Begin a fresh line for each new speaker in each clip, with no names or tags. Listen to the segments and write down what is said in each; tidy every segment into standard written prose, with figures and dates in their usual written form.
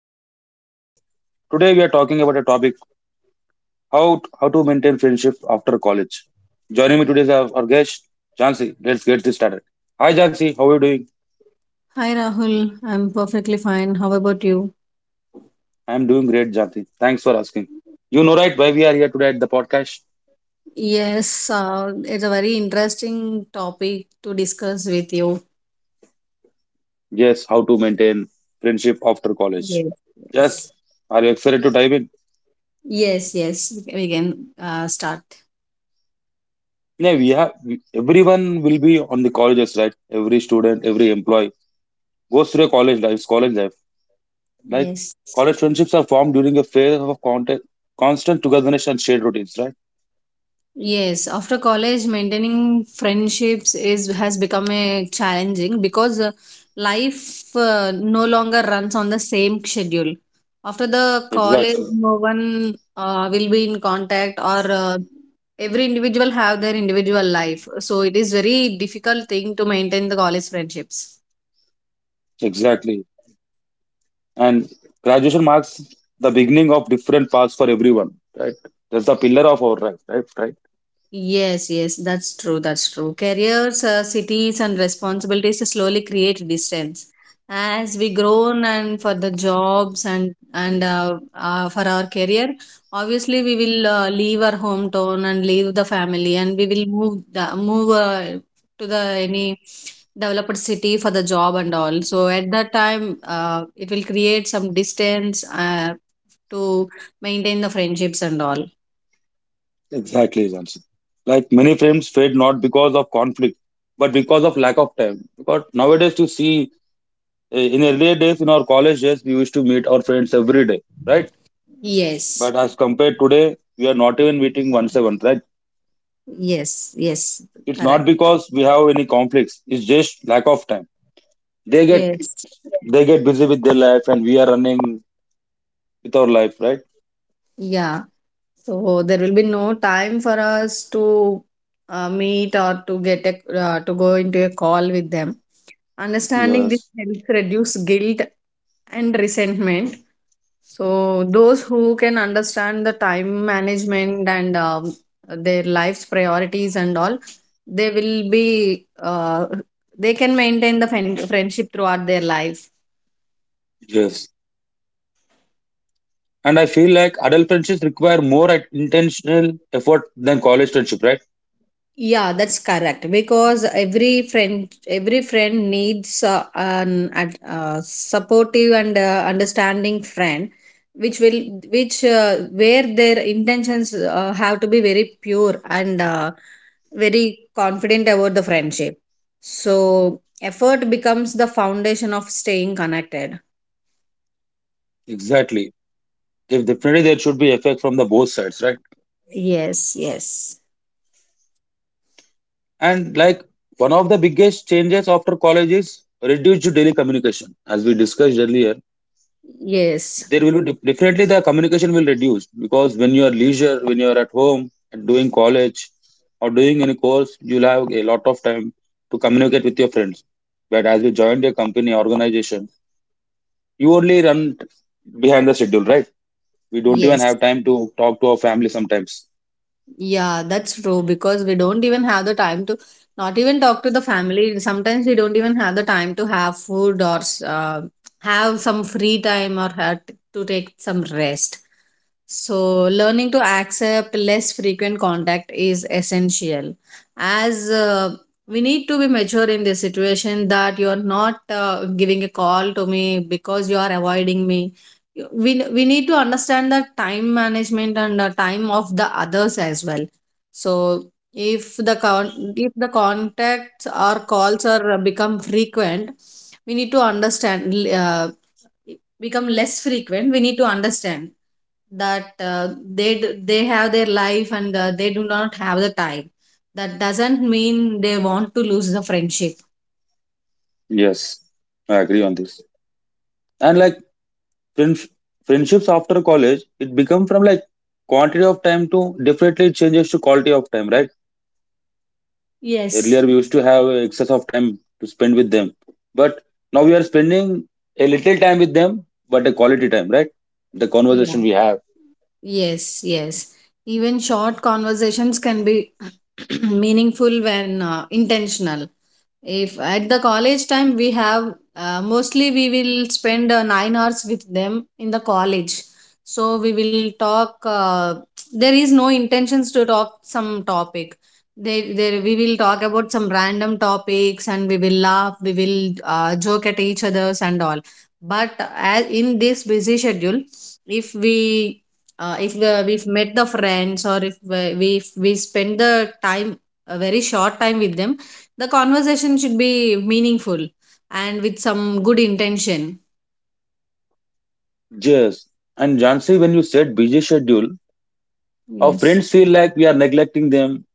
your host Rahul here. Today we are talking about a topic: how to maintain friendship after college. Joining me today is our guest Jansi. Let's get this started. Hi Jansi, how are you doing?
Hi Rahul, I'm perfectly fine. How about you?
I'm doing great, Jansi. Thanks for asking. You know right why we are here today at the podcast?
Yes, it's a very interesting topic to discuss with you.
Yes, how to maintain friendship after college.
Yes,
Yes,
yes,
are you excited to dive in?
yes, yes. We can, start.
Yeah, everyone will be on the colleges, right? Every student, every employee goes through a college life, it's college life. Like
Yes.
college friendships are formed during a phase of contact, constant togetherness and shared routines, right?
Yes, after college, maintaining friendships is has become a challenging because life no longer runs on the same schedule. After the college,
Exactly.
no one will be in contact, or every individual have their individual life. So it is very difficult thing to maintain the college friendships.
Exactly. And graduation marks the beginning of different paths for everyone, right? That's the pillar of our life, right? Right.
Yes, yes, that's true. That's true. Careers, cities, and responsibilities slowly create distance. As we grown and for the jobs and for our career, obviously we will leave our hometown and leave the family, and we will move to the any developed city for the job and all. So at that time, it will create some distance to maintain the friendships and all.
Exactly, Jansi. Like many friends fade not because of conflict, but because of lack of time. Because nowadays to see, in earlier days, in our college days, we used to meet our friends every day, right?
Yes.
But as compared today, we are not even meeting once a month, right?
Yes, yes,
It's not
correct.
because we have any conflicts. It's just lack of time. They get
Yes,
they get busy with their life, and we are running with our life, right?
yeah. So there will be no time for us to meet or to go into a call with them. Understanding this
Yes,
helps reduce guilt and resentment. So those who can understand the time management and their life's priorities and all, they will be they can maintain the friendship throughout their life.
yes. And I feel like adult friendships require more intentional effort than college friendship, right?
Yeah, that's correct. Because every friend needs an supportive and understanding friend, which where their intentions have to be very pure and very confident about the friendship. So effort becomes the foundation of staying connected.
Exactly. If definitely there should be effect from the both sides, right?
Yes, yes.
And like one of the biggest changes after college is reduced daily communication. As we discussed earlier,
Yes,
there will be definitely the communication will reduce, because when you are leisure, when you are at home and doing college or doing any course, you'll have a lot of time to communicate with your friends. But as you joined a company organization, you only run behind the schedule, right? We don't even
yes.
have time to talk to our family sometimes.
Yeah, that's true because we don't even have the time to not even talk to the family. Sometimes we don't even have the time to have food or have some free time or have to take some rest. So, learning to accept less frequent contact is essential, as we need to be mature in this situation that you are not giving a call to me because you are avoiding me. We need to understand the time management and the time of the others as well. So if if the contacts or calls are become frequent, we need to understand, uh, become less frequent, we need to understand that they have their life and they do not have the time. That doesn't mean they want to lose the friendship.
Yes, I agree on this. And like friends, friendships after college, it become from like quantity of time to, definitely it changes to quality of time, right?
Yes,
Earlier, we used to have excess of time to spend with them, but now we are spending a little time with them, but a quality time, right? The
yeah.
conversation we have.
Yes, yes. Even short conversations can be meaningful when intentional. If at the college time we have mostly we will spend 9 hours with them in the college. So we will talk, there is no intentions to talk some topic, they we will talk about some random topics, and we will laugh, we will joke at each others and all. But as in this busy schedule, if we if the, we've met the friends, or if we spend the time a very short time with them, the conversation should be meaningful and with some good intention.
Yes. And Jansi, when you said busy schedule, our
Yes.
friends feel like we are neglecting them,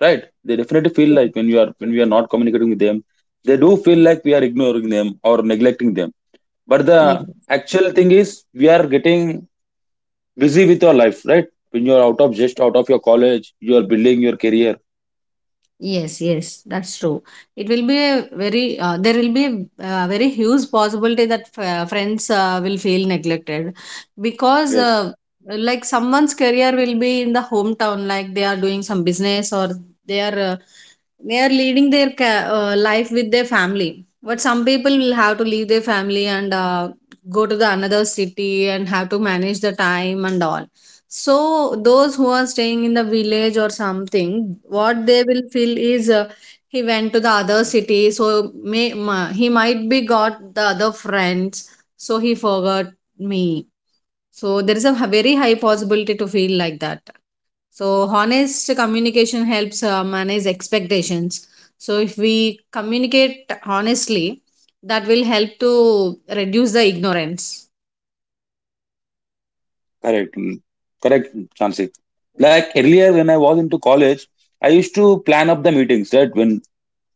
right? They definitely feel like when you are when we are not communicating with them, they do feel like we are ignoring them or neglecting them. But
Yeah.
the actual thing is we are getting busy with your life, right? When you are out of, your college, you are building your career.
Yes, yes, that's true. It will be a very, There will be a very huge possibility that friends will feel neglected because,
Yes.
like, someone's career will be in the hometown, like they are doing some business, or they are uh, they are leading their life with their family. But some people will have to leave their family and go to the another city and have to manage the time and all. So those who are staying in the village or something, what they will feel is, he went to the other city, so he might be got the other friends, so he forgot me. So there is a very high possibility to feel like that. So honest communication helps manage expectations. So if we communicate honestly, that will help to reduce the ignorance.
Correct. Mm. Correct, Chansey. Like earlier when I was into college, I used to plan up the meetings, right? When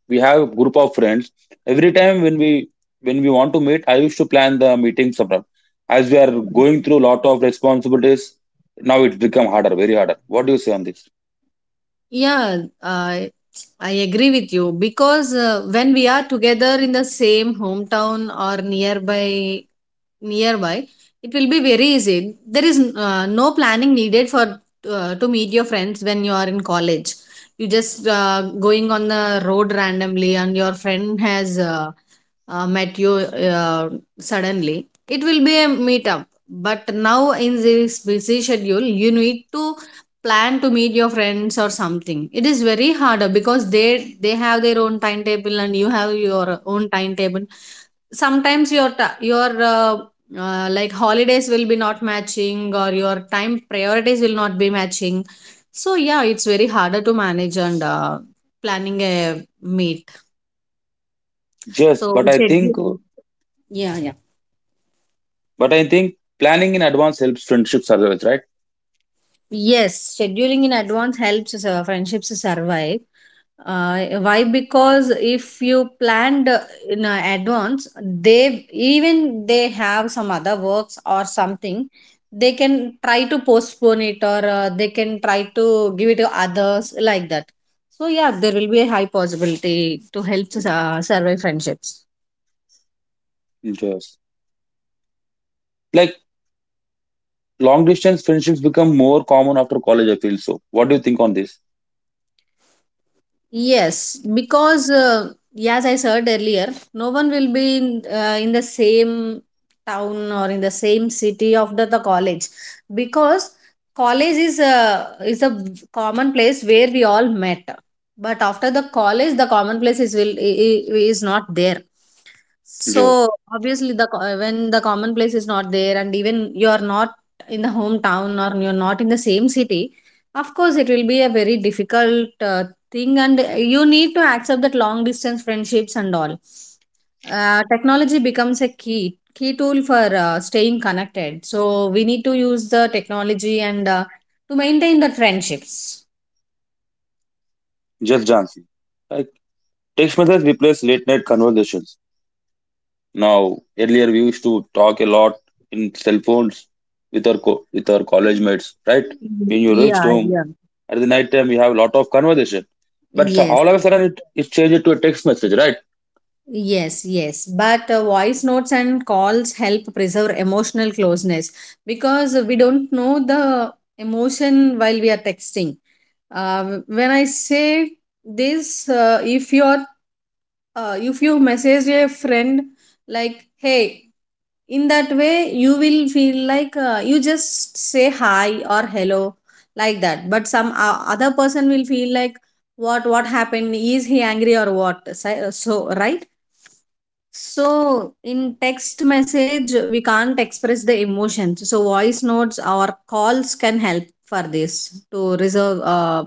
we have a group of friends, every time when we want to meet, I used to plan the meetings abroad. As we are going through a lot of responsibilities, now it's become harder, very harder. What do you say on this?
Yeah, I agree with you because when we are together in the same hometown or nearby, it will be very easy. There is no planning needed for to meet your friends when you are in college. You just going on the road randomly, and your friend has met you suddenly. It will be a meetup. But now in this busy schedule you need to plan to meet your friends or something. It is very harder because they have their own timetable and you have your own timetable. Sometimes your your like holidays will be not matching, or your time priorities will not be matching. So yeah, it's very harder to manage and planning a meet.
Yes,
So
but I
schedule.
think
Yeah, yeah.
but I think planning in advance helps friendships as well, right?
Yes, scheduling in advance helps us, friendships survive. Why? Because if you planned in advance, they even they have some other works or something, they can try to postpone it, or they can try to give it to others like that. So yeah, there will be a high possibility to help us, survive friendships.
Yes. Like long distance friendships become more common after college, I feel so. What do you think on this?
Yes, because as I said earlier, no one will be in the same town or in the same city after the college, because college is a common place where we all met. But after the college, the common place is will I- is not there.
Yes.
So obviously, when the common place is not there, and even you are not in the hometown or you're not in the same city, of course, it will be a very difficult thing, and you need to accept that long distance friendships and all. Technology becomes a key tool for staying connected. So we need to use the technology and to maintain the friendships.
Just dancing. Like text messages replace late night conversations. Now, earlier we used to talk a lot in cell phones with our college mates, right? When you reached
Yeah,
home
yeah.
at the night time, you have a lot of conversation. But
Yes,
all of a sudden, it changed to a text message, right?
yes, yes, but voice notes and calls help preserve emotional closeness, because we don't know the emotion while we are texting. uh, when I say this, uh, if you are if you message a friend like hey, in that way you will feel like, you just say hi or hello like that. But some other person will feel like, what happened, is he angry or what? So right. So in text message we can't express the emotions, so voice notes or calls can help for this to reserve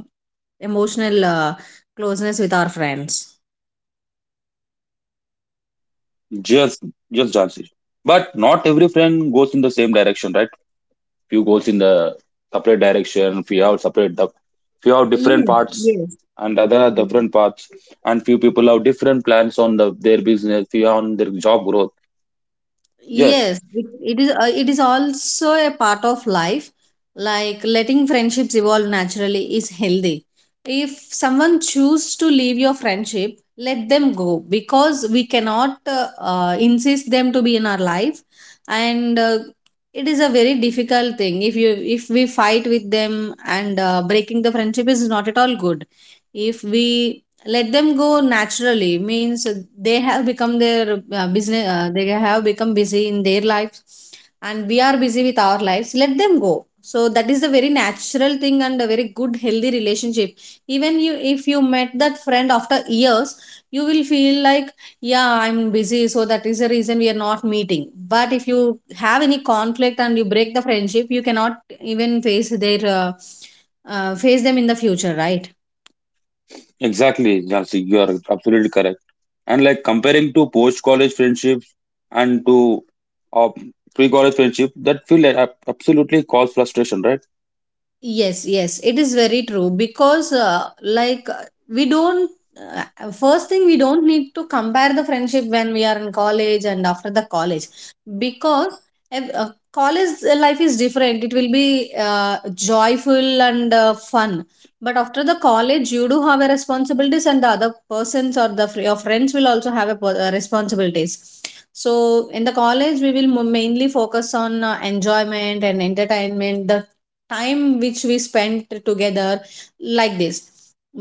emotional closeness with our friends.
Just just dancing. But not every friend goes in the same direction, right? Few goes in the separate direction, few have different
Yes,
parts,
yes.
and other are different parts, and few people have different plans on their business, few on their job growth. Yes,
Yes, it is. It is also a part of life. Like letting friendships evolve naturally is healthy. If someone chooses to leave your friendship, let them go, because we cannot insist them to be in our life, and it is a very difficult thing. If we fight with them, and breaking the friendship is not at all good. If we let them go naturally means they have become busy in their lives, and we are busy with our lives. Let them go. So that is a very natural thing and a very good healthy relationship. Even you if you met that friend after years, you will feel like yeah I'm busy, so that is the reason we are not meeting. But if you have any conflict and you break the friendship, you cannot even face them in the future, right?
exactly, Jansi, you are absolutely correct. And like comparing to post college friendships and to, uh, pre college friendship, that feel like absolutely cause frustration, right?
Yes, yes, it is very true. Because, like, we don't, first thing, we don't need to compare the friendship when we are in college and after the college, because college life is different. It will be joyful and fun. But after the college, you do have a responsibilities, and the other persons or your friends will also have a responsibilities. So in the college, we will mainly focus on enjoyment and entertainment, the time which we spent together like this.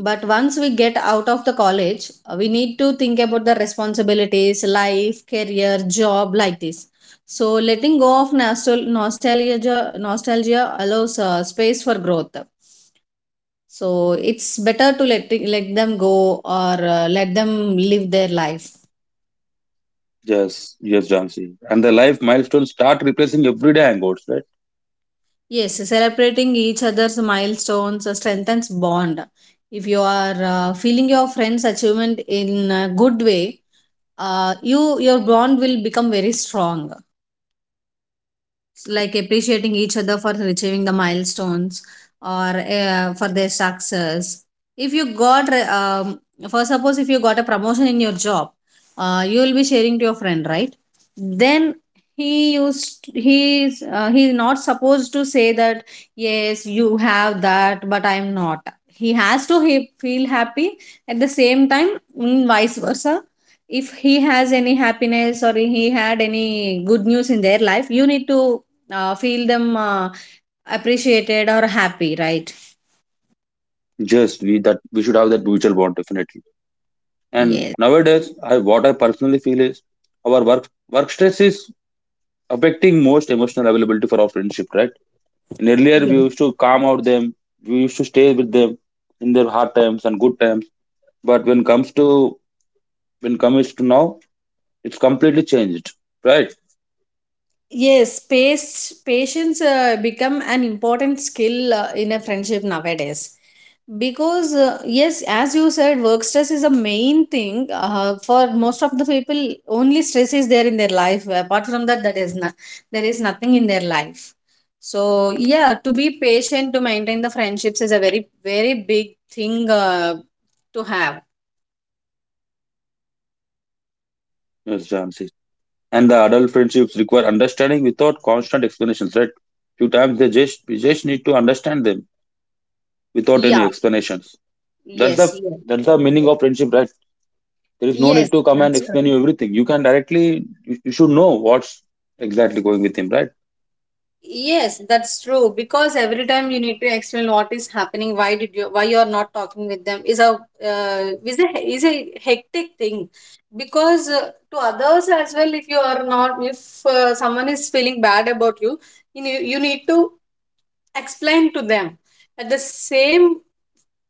But once we get out of the college, we need to think about the responsibilities, life, career, job, like this. So letting go of nostalgia allows space for growth. So it's better to let them go, or let them live their life.
Yes. Yes, Jansi. And the life milestones start replacing everyday hangouts, right?
Yes, celebrating each other's milestones strengthens bond. If you are feeling your friend's achievement in a good way, your bond will become very strong. It's like appreciating each other for achieving the milestones, or for their success. If you got um, for suppose if you got a promotion in your job, you will be sharing to your friend, right? Then he is not supposed to say that yes you have that but I am not. He has to He feel happy at the same time. Vice versa, if he has any happiness or he had any good news in their life, you need to feel them appreciated or happy, right?
Just we should have that mutual bond, definitely. And
Yes.
nowadays, I what I personally feel is our work stress is affecting most emotional availability for our friendship, right? And earlier we
Yes.
used to calm out them, we used to stay with them in their hard times and good times. But when comes to now, it's completely changed, right?
Yes, pace, patience become an important skill in a friendship nowadays. Because, yes, as you said, work stress is a main thing. For most of the people, only stress is there in their life. Apart from that, that is not, there is nothing in their life. So, yeah, to be patient, to maintain the friendships is a very, very big thing to have.
Yes, Jansi. And the adult friendships require understanding without constant explanations, right? Few times they just we just need to understand them without any
Yeah,
explanations. That's
yes,
the
yes.
that's the meaning of friendship, right? There is no need
Yes,
to come and
that's
explain you
true.
everything. You can directly, you should know what's exactly going with him, right?
Yes, that's true. Because every time you need to explain what is happening, why did you, why you are not talking with them, is a is a is a hectic thing. Because to others as well, if you are not, if someone is feeling bad about you, you need to explain to them. At the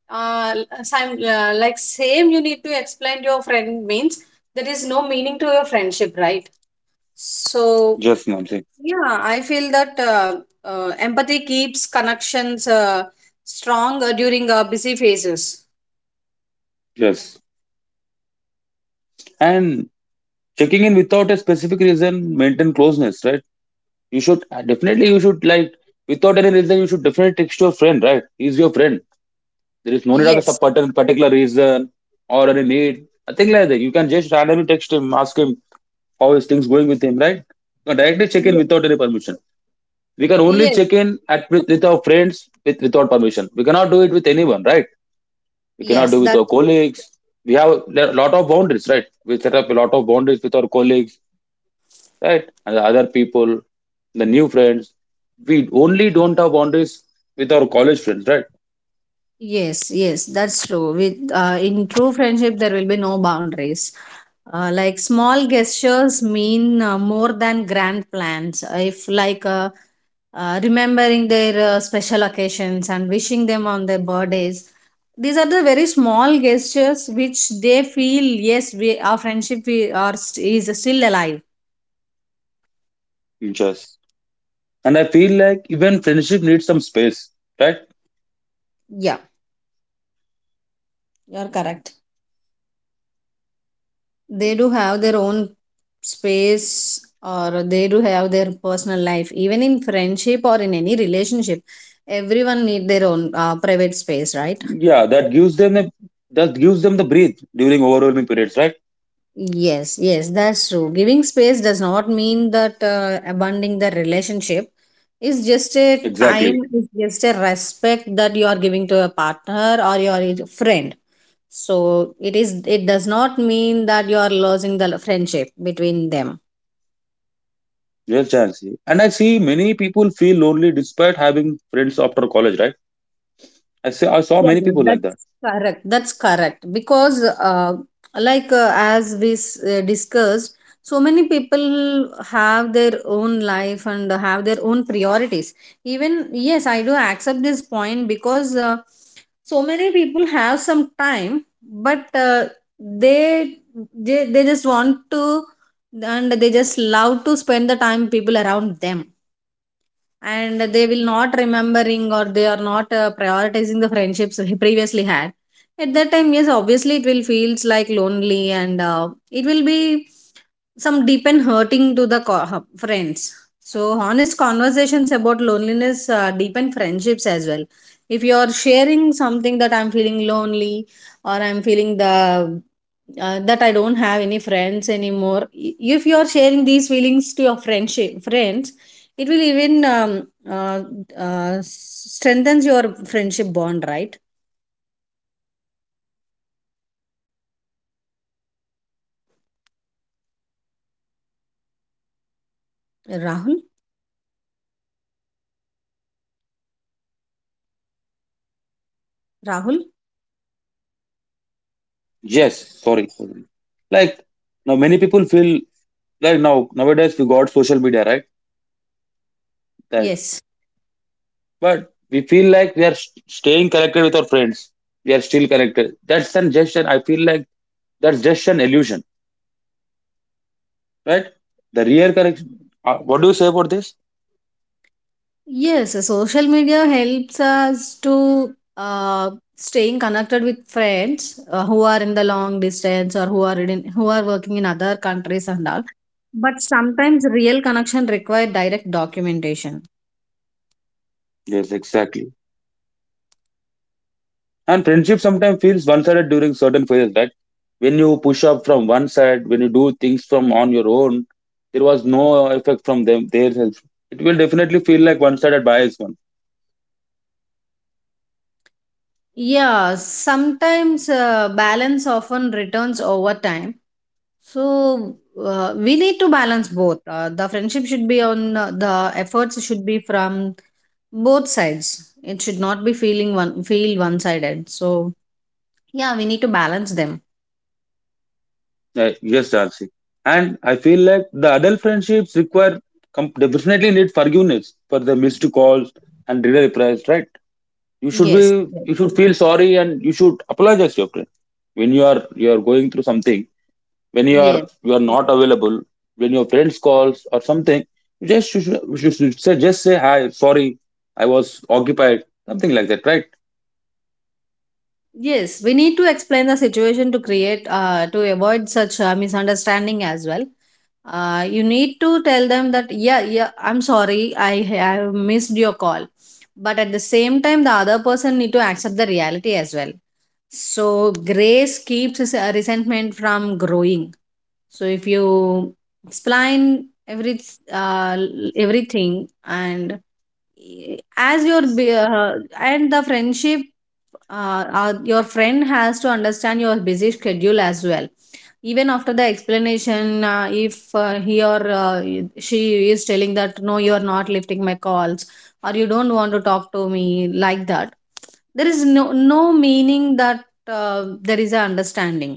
uh, same like same, you need to explain to your friend means there is no meaning to your friendship, right? So.
Yes, no, I'm saying.
Yeah, I feel that empathy keeps connections strong during busy phases.
Yes. And checking in without a specific reason, maintain closeness, right? You should definitely, you should like, without any reason, you should definitely text your friend, right? He's your friend. There is no need of a
Yes.
particular reason or any need, nothing like that. You can just randomly text him, ask him how is things going with him, right? You can directly check in
Ye-
without any permission. We can only
Yes,
check in with our friends, without permission we cannot do it with anyone, right? We cannot
yes,
do it with
that.
our colleagues. We have a lot of boundaries, right? We set up a lot of boundaries with our colleagues, right? And the other people, the new friends, we only don't have boundaries with our college friends, right?
Yes, yes, that's true. With in true friendship, there will be no boundaries. Like small gestures mean more than grand plans. If like remembering their special occasions and wishing them on their birthdays, these are the very small gestures which they feel yes, we our friendship is still alive.
Just, and I feel like even friendship needs some space, right?
Yeah, you're correct. They do have their own space, or they do have their personal life even in friendship or in any relationship. Everyone need their own private space, right?
Yeah, that gives them the breathe during overwhelming periods, right?
Yes, yes, that's true. Giving space does not mean that abandoning the relationship. It's just a time,
Exactly.
it's just a respect that you are giving to a partner or your friend. So it is, it does not mean that you are losing the friendship between them.
Yes, Jansi. And I see many people feel lonely despite having friends after college, right? I saw
Yeah,
many people like that.
that's correct. That's correct. Because, like as discussed, so many people have their own life and have their own priorities. Even, yes, I do accept this point because so many people have some time, but they, they just want to, and they just love to spend the time people around them, and they will not remembering or they are not prioritizing the friendships he previously had. At that time, yes, obviously it will feels like lonely, and it will be some deep and hurting to the friends. So honest conversations about loneliness deepen friendships as well. If you are sharing something that I'm feeling lonely, or I'm feeling the that I don't have any friends anymore, if you are sharing these feelings to your friendship friends, it will even strengthens your friendship bond, right? Rahul? Rahul?
Yes, sorry. Like now, many people feel like now, nowadays we got social media, right? That,
Yes.
but we feel like we are staying connected with our friends. We are still connected. That's an Just I feel like that's just an illusion, right? The real connection. What do you say about this?
Yes, social media helps us to uh, staying connected with friends who are in the long distance, or who are working in other countries and all. But sometimes real connection require direct documentation.
Yes, exactly. And friendship sometimes feels one sided during certain phases, right? When you push up from one side, when you do things from on your own, there was no effect from them their help. It will definitely feel like one sided bias one.
Yeah, sometimes balance often returns over time. So we need to balance both. The friendship should be on the efforts should be from both sides. It should not be feeling one sided. So yeah, we need to balance them.
Yes, Jansi. And I feel like the adult friendships they definitely need forgiveness for the missed calls and dinner replies, right?
Yes.
You should feel sorry and you should apologize to your friend when you are going through something, when you are
Yes.
you are not available, when your friends calls or something, you should say, just say hi, sorry, I was occupied, something like that, right?
Yes, we need to explain the situation to avoid such misunderstanding as well. You need to tell them that yeah, yeah, I'm sorry, I have missed your call, but at the same time, the other person need to accept the reality as well. So grace keeps his, resentment from growing. So if you explain every uh, everything, and and the friendship your friend has to understand your busy schedule as well. Even after the explanation, if he or she is telling that no you are not lifting my calls, or you don't want to talk to me, like that, there is no meaning that there is a understanding.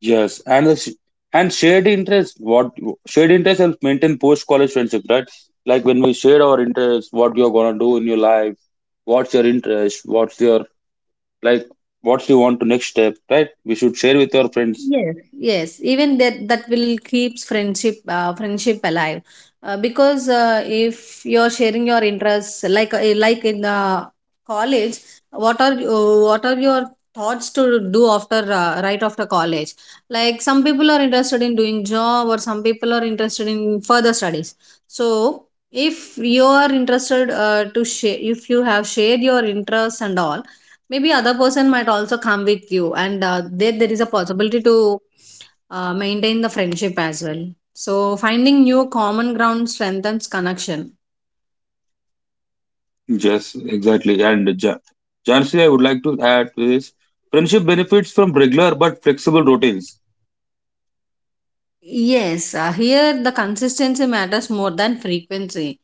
Yes. And and shared interest helps maintain post college friendship, right? Like when we share our interests, what you're gonna do in your life, what's your interest, what's your, like, what you want to next step, right? We should share with our friends.
Yes, yes. Even that will keeps friendship alive, because if you're sharing your interests, like in the college, what are your thoughts to do after right after college? Like some people are interested in doing job, or some people are interested in further studies. So if you are interested to share, if you have shared your interests and all, maybe other person might also come with you, and there is a possibility to maintain the friendship as well. So finding new common ground strengthens connection.
Yes, exactly. And Jansi, I would like to add to this. Friendship benefits from regular but flexible routines.
Yes, here the consistency matters more than frequency.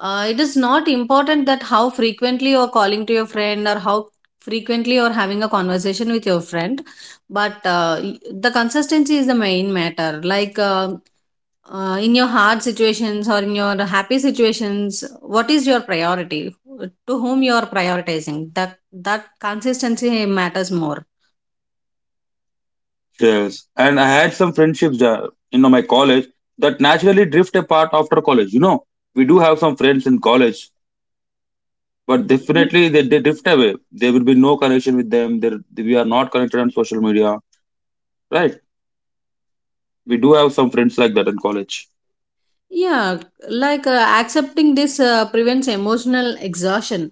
It is not important that how frequently you're calling to your friend, or how frequently you're having a conversation with your friend, but the consistency is the main matter. Like in your hard situations or in your happy situations, what is your priority, to whom you are prioritizing, that that consistency matters more.
Yes. And I had some friendships in my college that naturally drift apart after college. You know, we do have some friends in college, but definitely they drift away. There will be no connection with them. There, we are not connected on social media, right? We do have some friends like that in college.
Yeah, like accepting this prevents emotional exhaustion.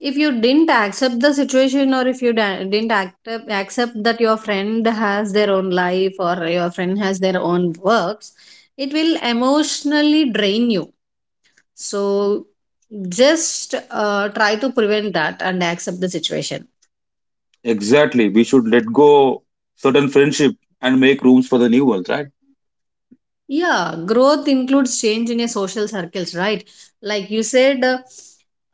If you didn't accept the situation, or if you didn't accept that your friend has their own life, or your friend has their own works, it will emotionally drain you. So just try to prevent that and accept the situation.
Exactly. We should let go certain friendship and make rooms for the new ones, right?
Yeah, growth includes change in your social circles, right? Like you said, uh,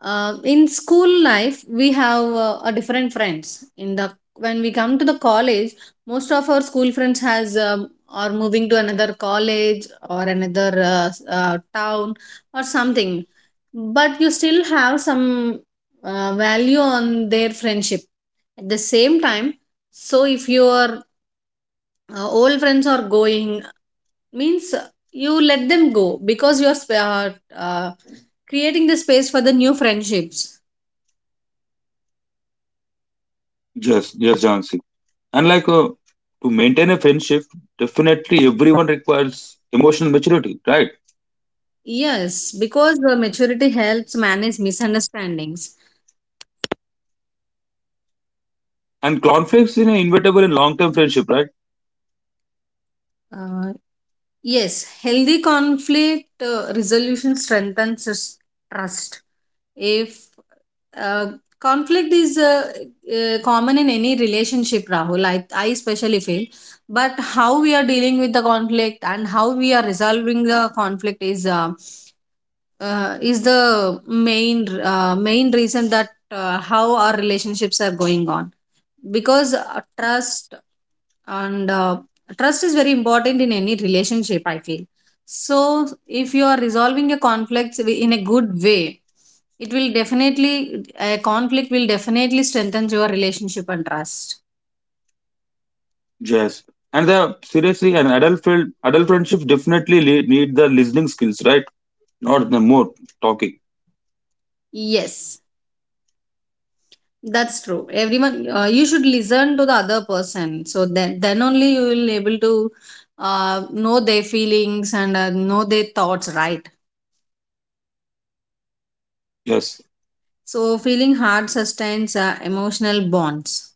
uh, in school life we have a different friends. In the When we come to the college, most of our school friends has are moving to another college or another town or something, but you still have some value on their friendship at the same time. So if your old friends are going means you let them go, because you're uh, creating the space for the new friendships.
Yes, yes, Jansi. And like, to maintain a friendship, definitely everyone requires emotional maturity, right?
Yes, because the maturity helps manage misunderstandings.
And conflicts in an inevitable in long-term friendship, right?
uh, yes, healthy conflict resolution strengthens trust. If Uh, conflict is common in any relationship, Rahul, I especially feel, but how we are dealing with the conflict and how we are resolving the conflict is the main main reason that how our relationships are going on. Because and uh, trust is very important in any relationship, I feel. So if you are resolving a conflict in a good way, it will definitely a conflict will definitely strengthen your relationship and trust.
Yes. And the seriously, adult friendship definitely need the listening skills, right? Not the more talking.
Yes. That's true. Everyone, you should listen to the other person. So then only you will able to know their feelings and know their thoughts, right?
Yes.
So feeling hard sustains emotional bonds.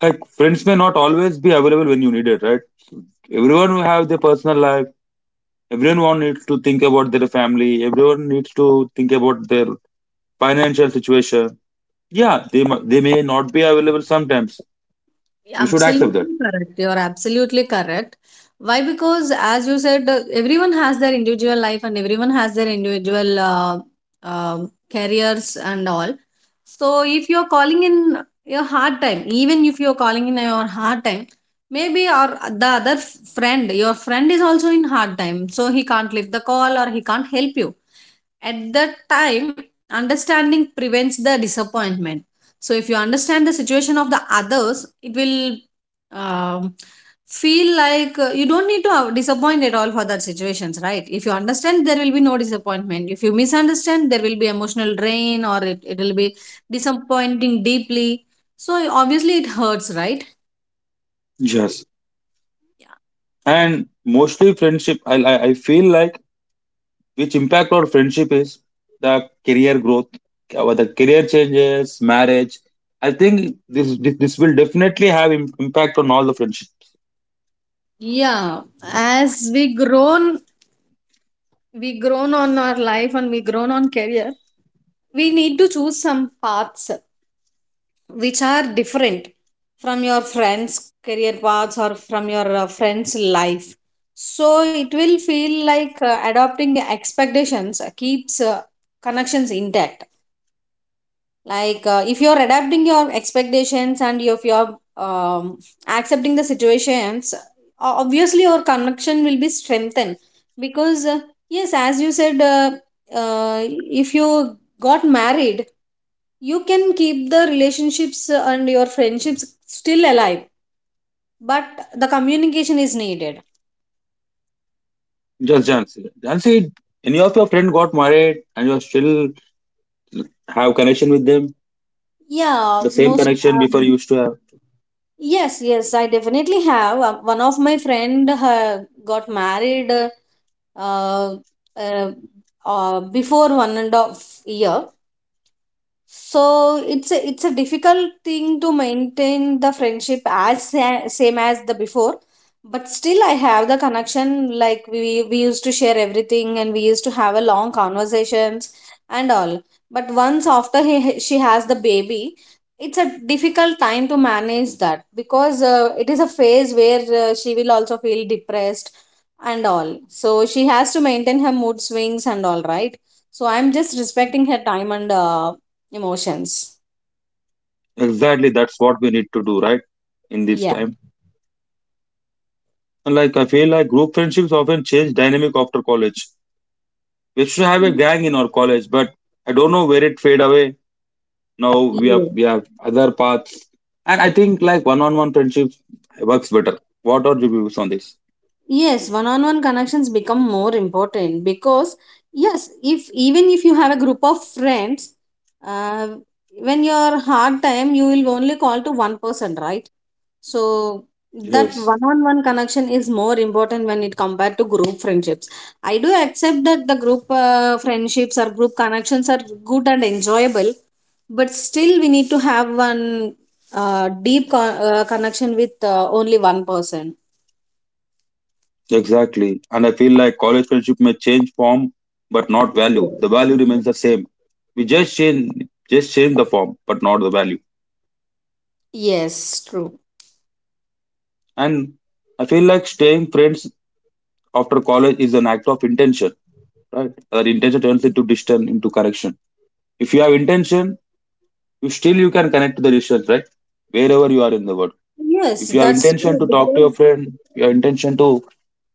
Like friends may not always be available when you need it, right? Everyone will have their personal life. Everyone needs to think about their family. Everyone needs to think about their financial situation. Yeah, they may not be available sometimes, you should accept that.
Absolutely correct. You're absolutely correct. Why? Because as you said, everyone has their individual life, and everyone has their individual careers and all. So if you're calling in your hard time, even if you're calling in your hard time, maybe or the other friend, your friend is also in hard time, so he can't lift the call or he can't help you. At that time, understanding prevents the disappointment. So if you understand the situation of the others, it will um, feel like you don't need to disappoint at all for that situations, right? If you understand, there will be no disappointment. If you misunderstand, there will be emotional drain, or it will be disappointing deeply, so obviously it hurts, right?
Yes. And mostly friendship, I feel like which impact our friendship is the career growth, the career changes, marriage. I think this will definitely have impact on all the friendships.
Yeah, as we grown, we grown on our life, and we grown on career, we need to choose some paths which are different from your friends career paths, or from your friends life. So it will feel like adopting expectations keeps connections intact. Like if you're adapting your expectations, and if you're accepting the situations, obviously your connection will be strengthened. Because yes, as you said if you got married, you can keep the relationships and your friendships still alive, but the communication is needed.
Just Jansi, Jansi, any of your friend got married and you still have connection with them,
Yeah,
the same
most
connection before you used to have?
yes, yes, I definitely have. One of my friend got married uh, uh, before 1.5 year. So it's a difficult thing to maintain the friendship as same as the before. But still I have the connection. Like we used to share everything, and we used to have a long conversations and all. But once after he, she has the baby, it's a difficult time to manage that, because it is a phase where she will also feel depressed and all, so she has to maintain her mood swings and all, right? So I'm just respecting her time and emotions.
Exactly, that's what we need to do, right, in this
Yeah.
time. And like, I feel like group friendships often change dynamic after college. We used to have a gang in our college, but I don't know where it fade away. Now we have
Ye-
we have other paths, and I think like one-on-one friendship works better. What are your views on this?
Yes, one-on-one connections become more important, because yes, if even if you have a group of friends, uh, when you're hard time, you will only call to one person, right? So that
Yes,
one-on-one connection is more important when it compared to group friendships. I do accept that the group friendships or group connections are good and enjoyable, but still we need to have one deep connection with only one person.
exactly. And I feel like college friendship may change form, but not value.
Yes.
The value remains the same. We just change the form, but not the value.
Yes, true.
And I feel like staying friends after college is an act of intention, right? That intention turns into distance, into correction. If you have intention, you can connect to the research, right, wherever you are in the world.
Yes,
If you have
that's
intention
true
to talk to your
because.
friend, your intention to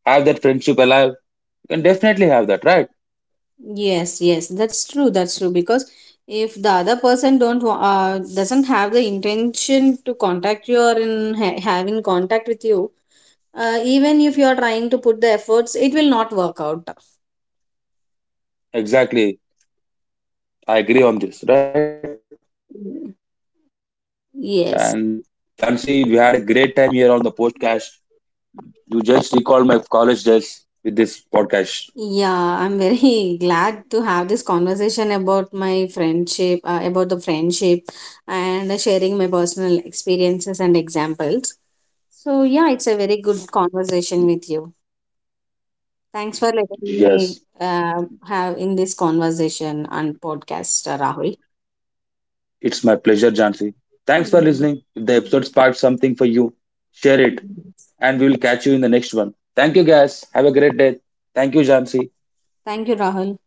have that friendship alive, you can definitely have that, right?
Yes, yes, that's true. That's true because if the other person don't wa- doesn't have the intention to contact you, or having contact with you, even if you are trying to put the efforts, it will not work out.
Exactly. I agree on this, right. And
Mm.
Jansi, we had a great time here on the
Yes.
podcast. You just recalled my college days with this podcast.
Yeah, I'm very glad to have this conversation about my friendship, about the friendship, and sharing my personal experiences and examples. So, yeah, it's a very good conversation with you. Thanks for
Yes,
letting me have in this conversation and podcast, Rahul.
it's my pleasure, Jansi. Thanks for
Mm.
listening. If the episode sparked something for you, share it, and we will catch you in the next one. Thank you guys, have a great day. Thank you, Jansi.
Thank you, Rahul.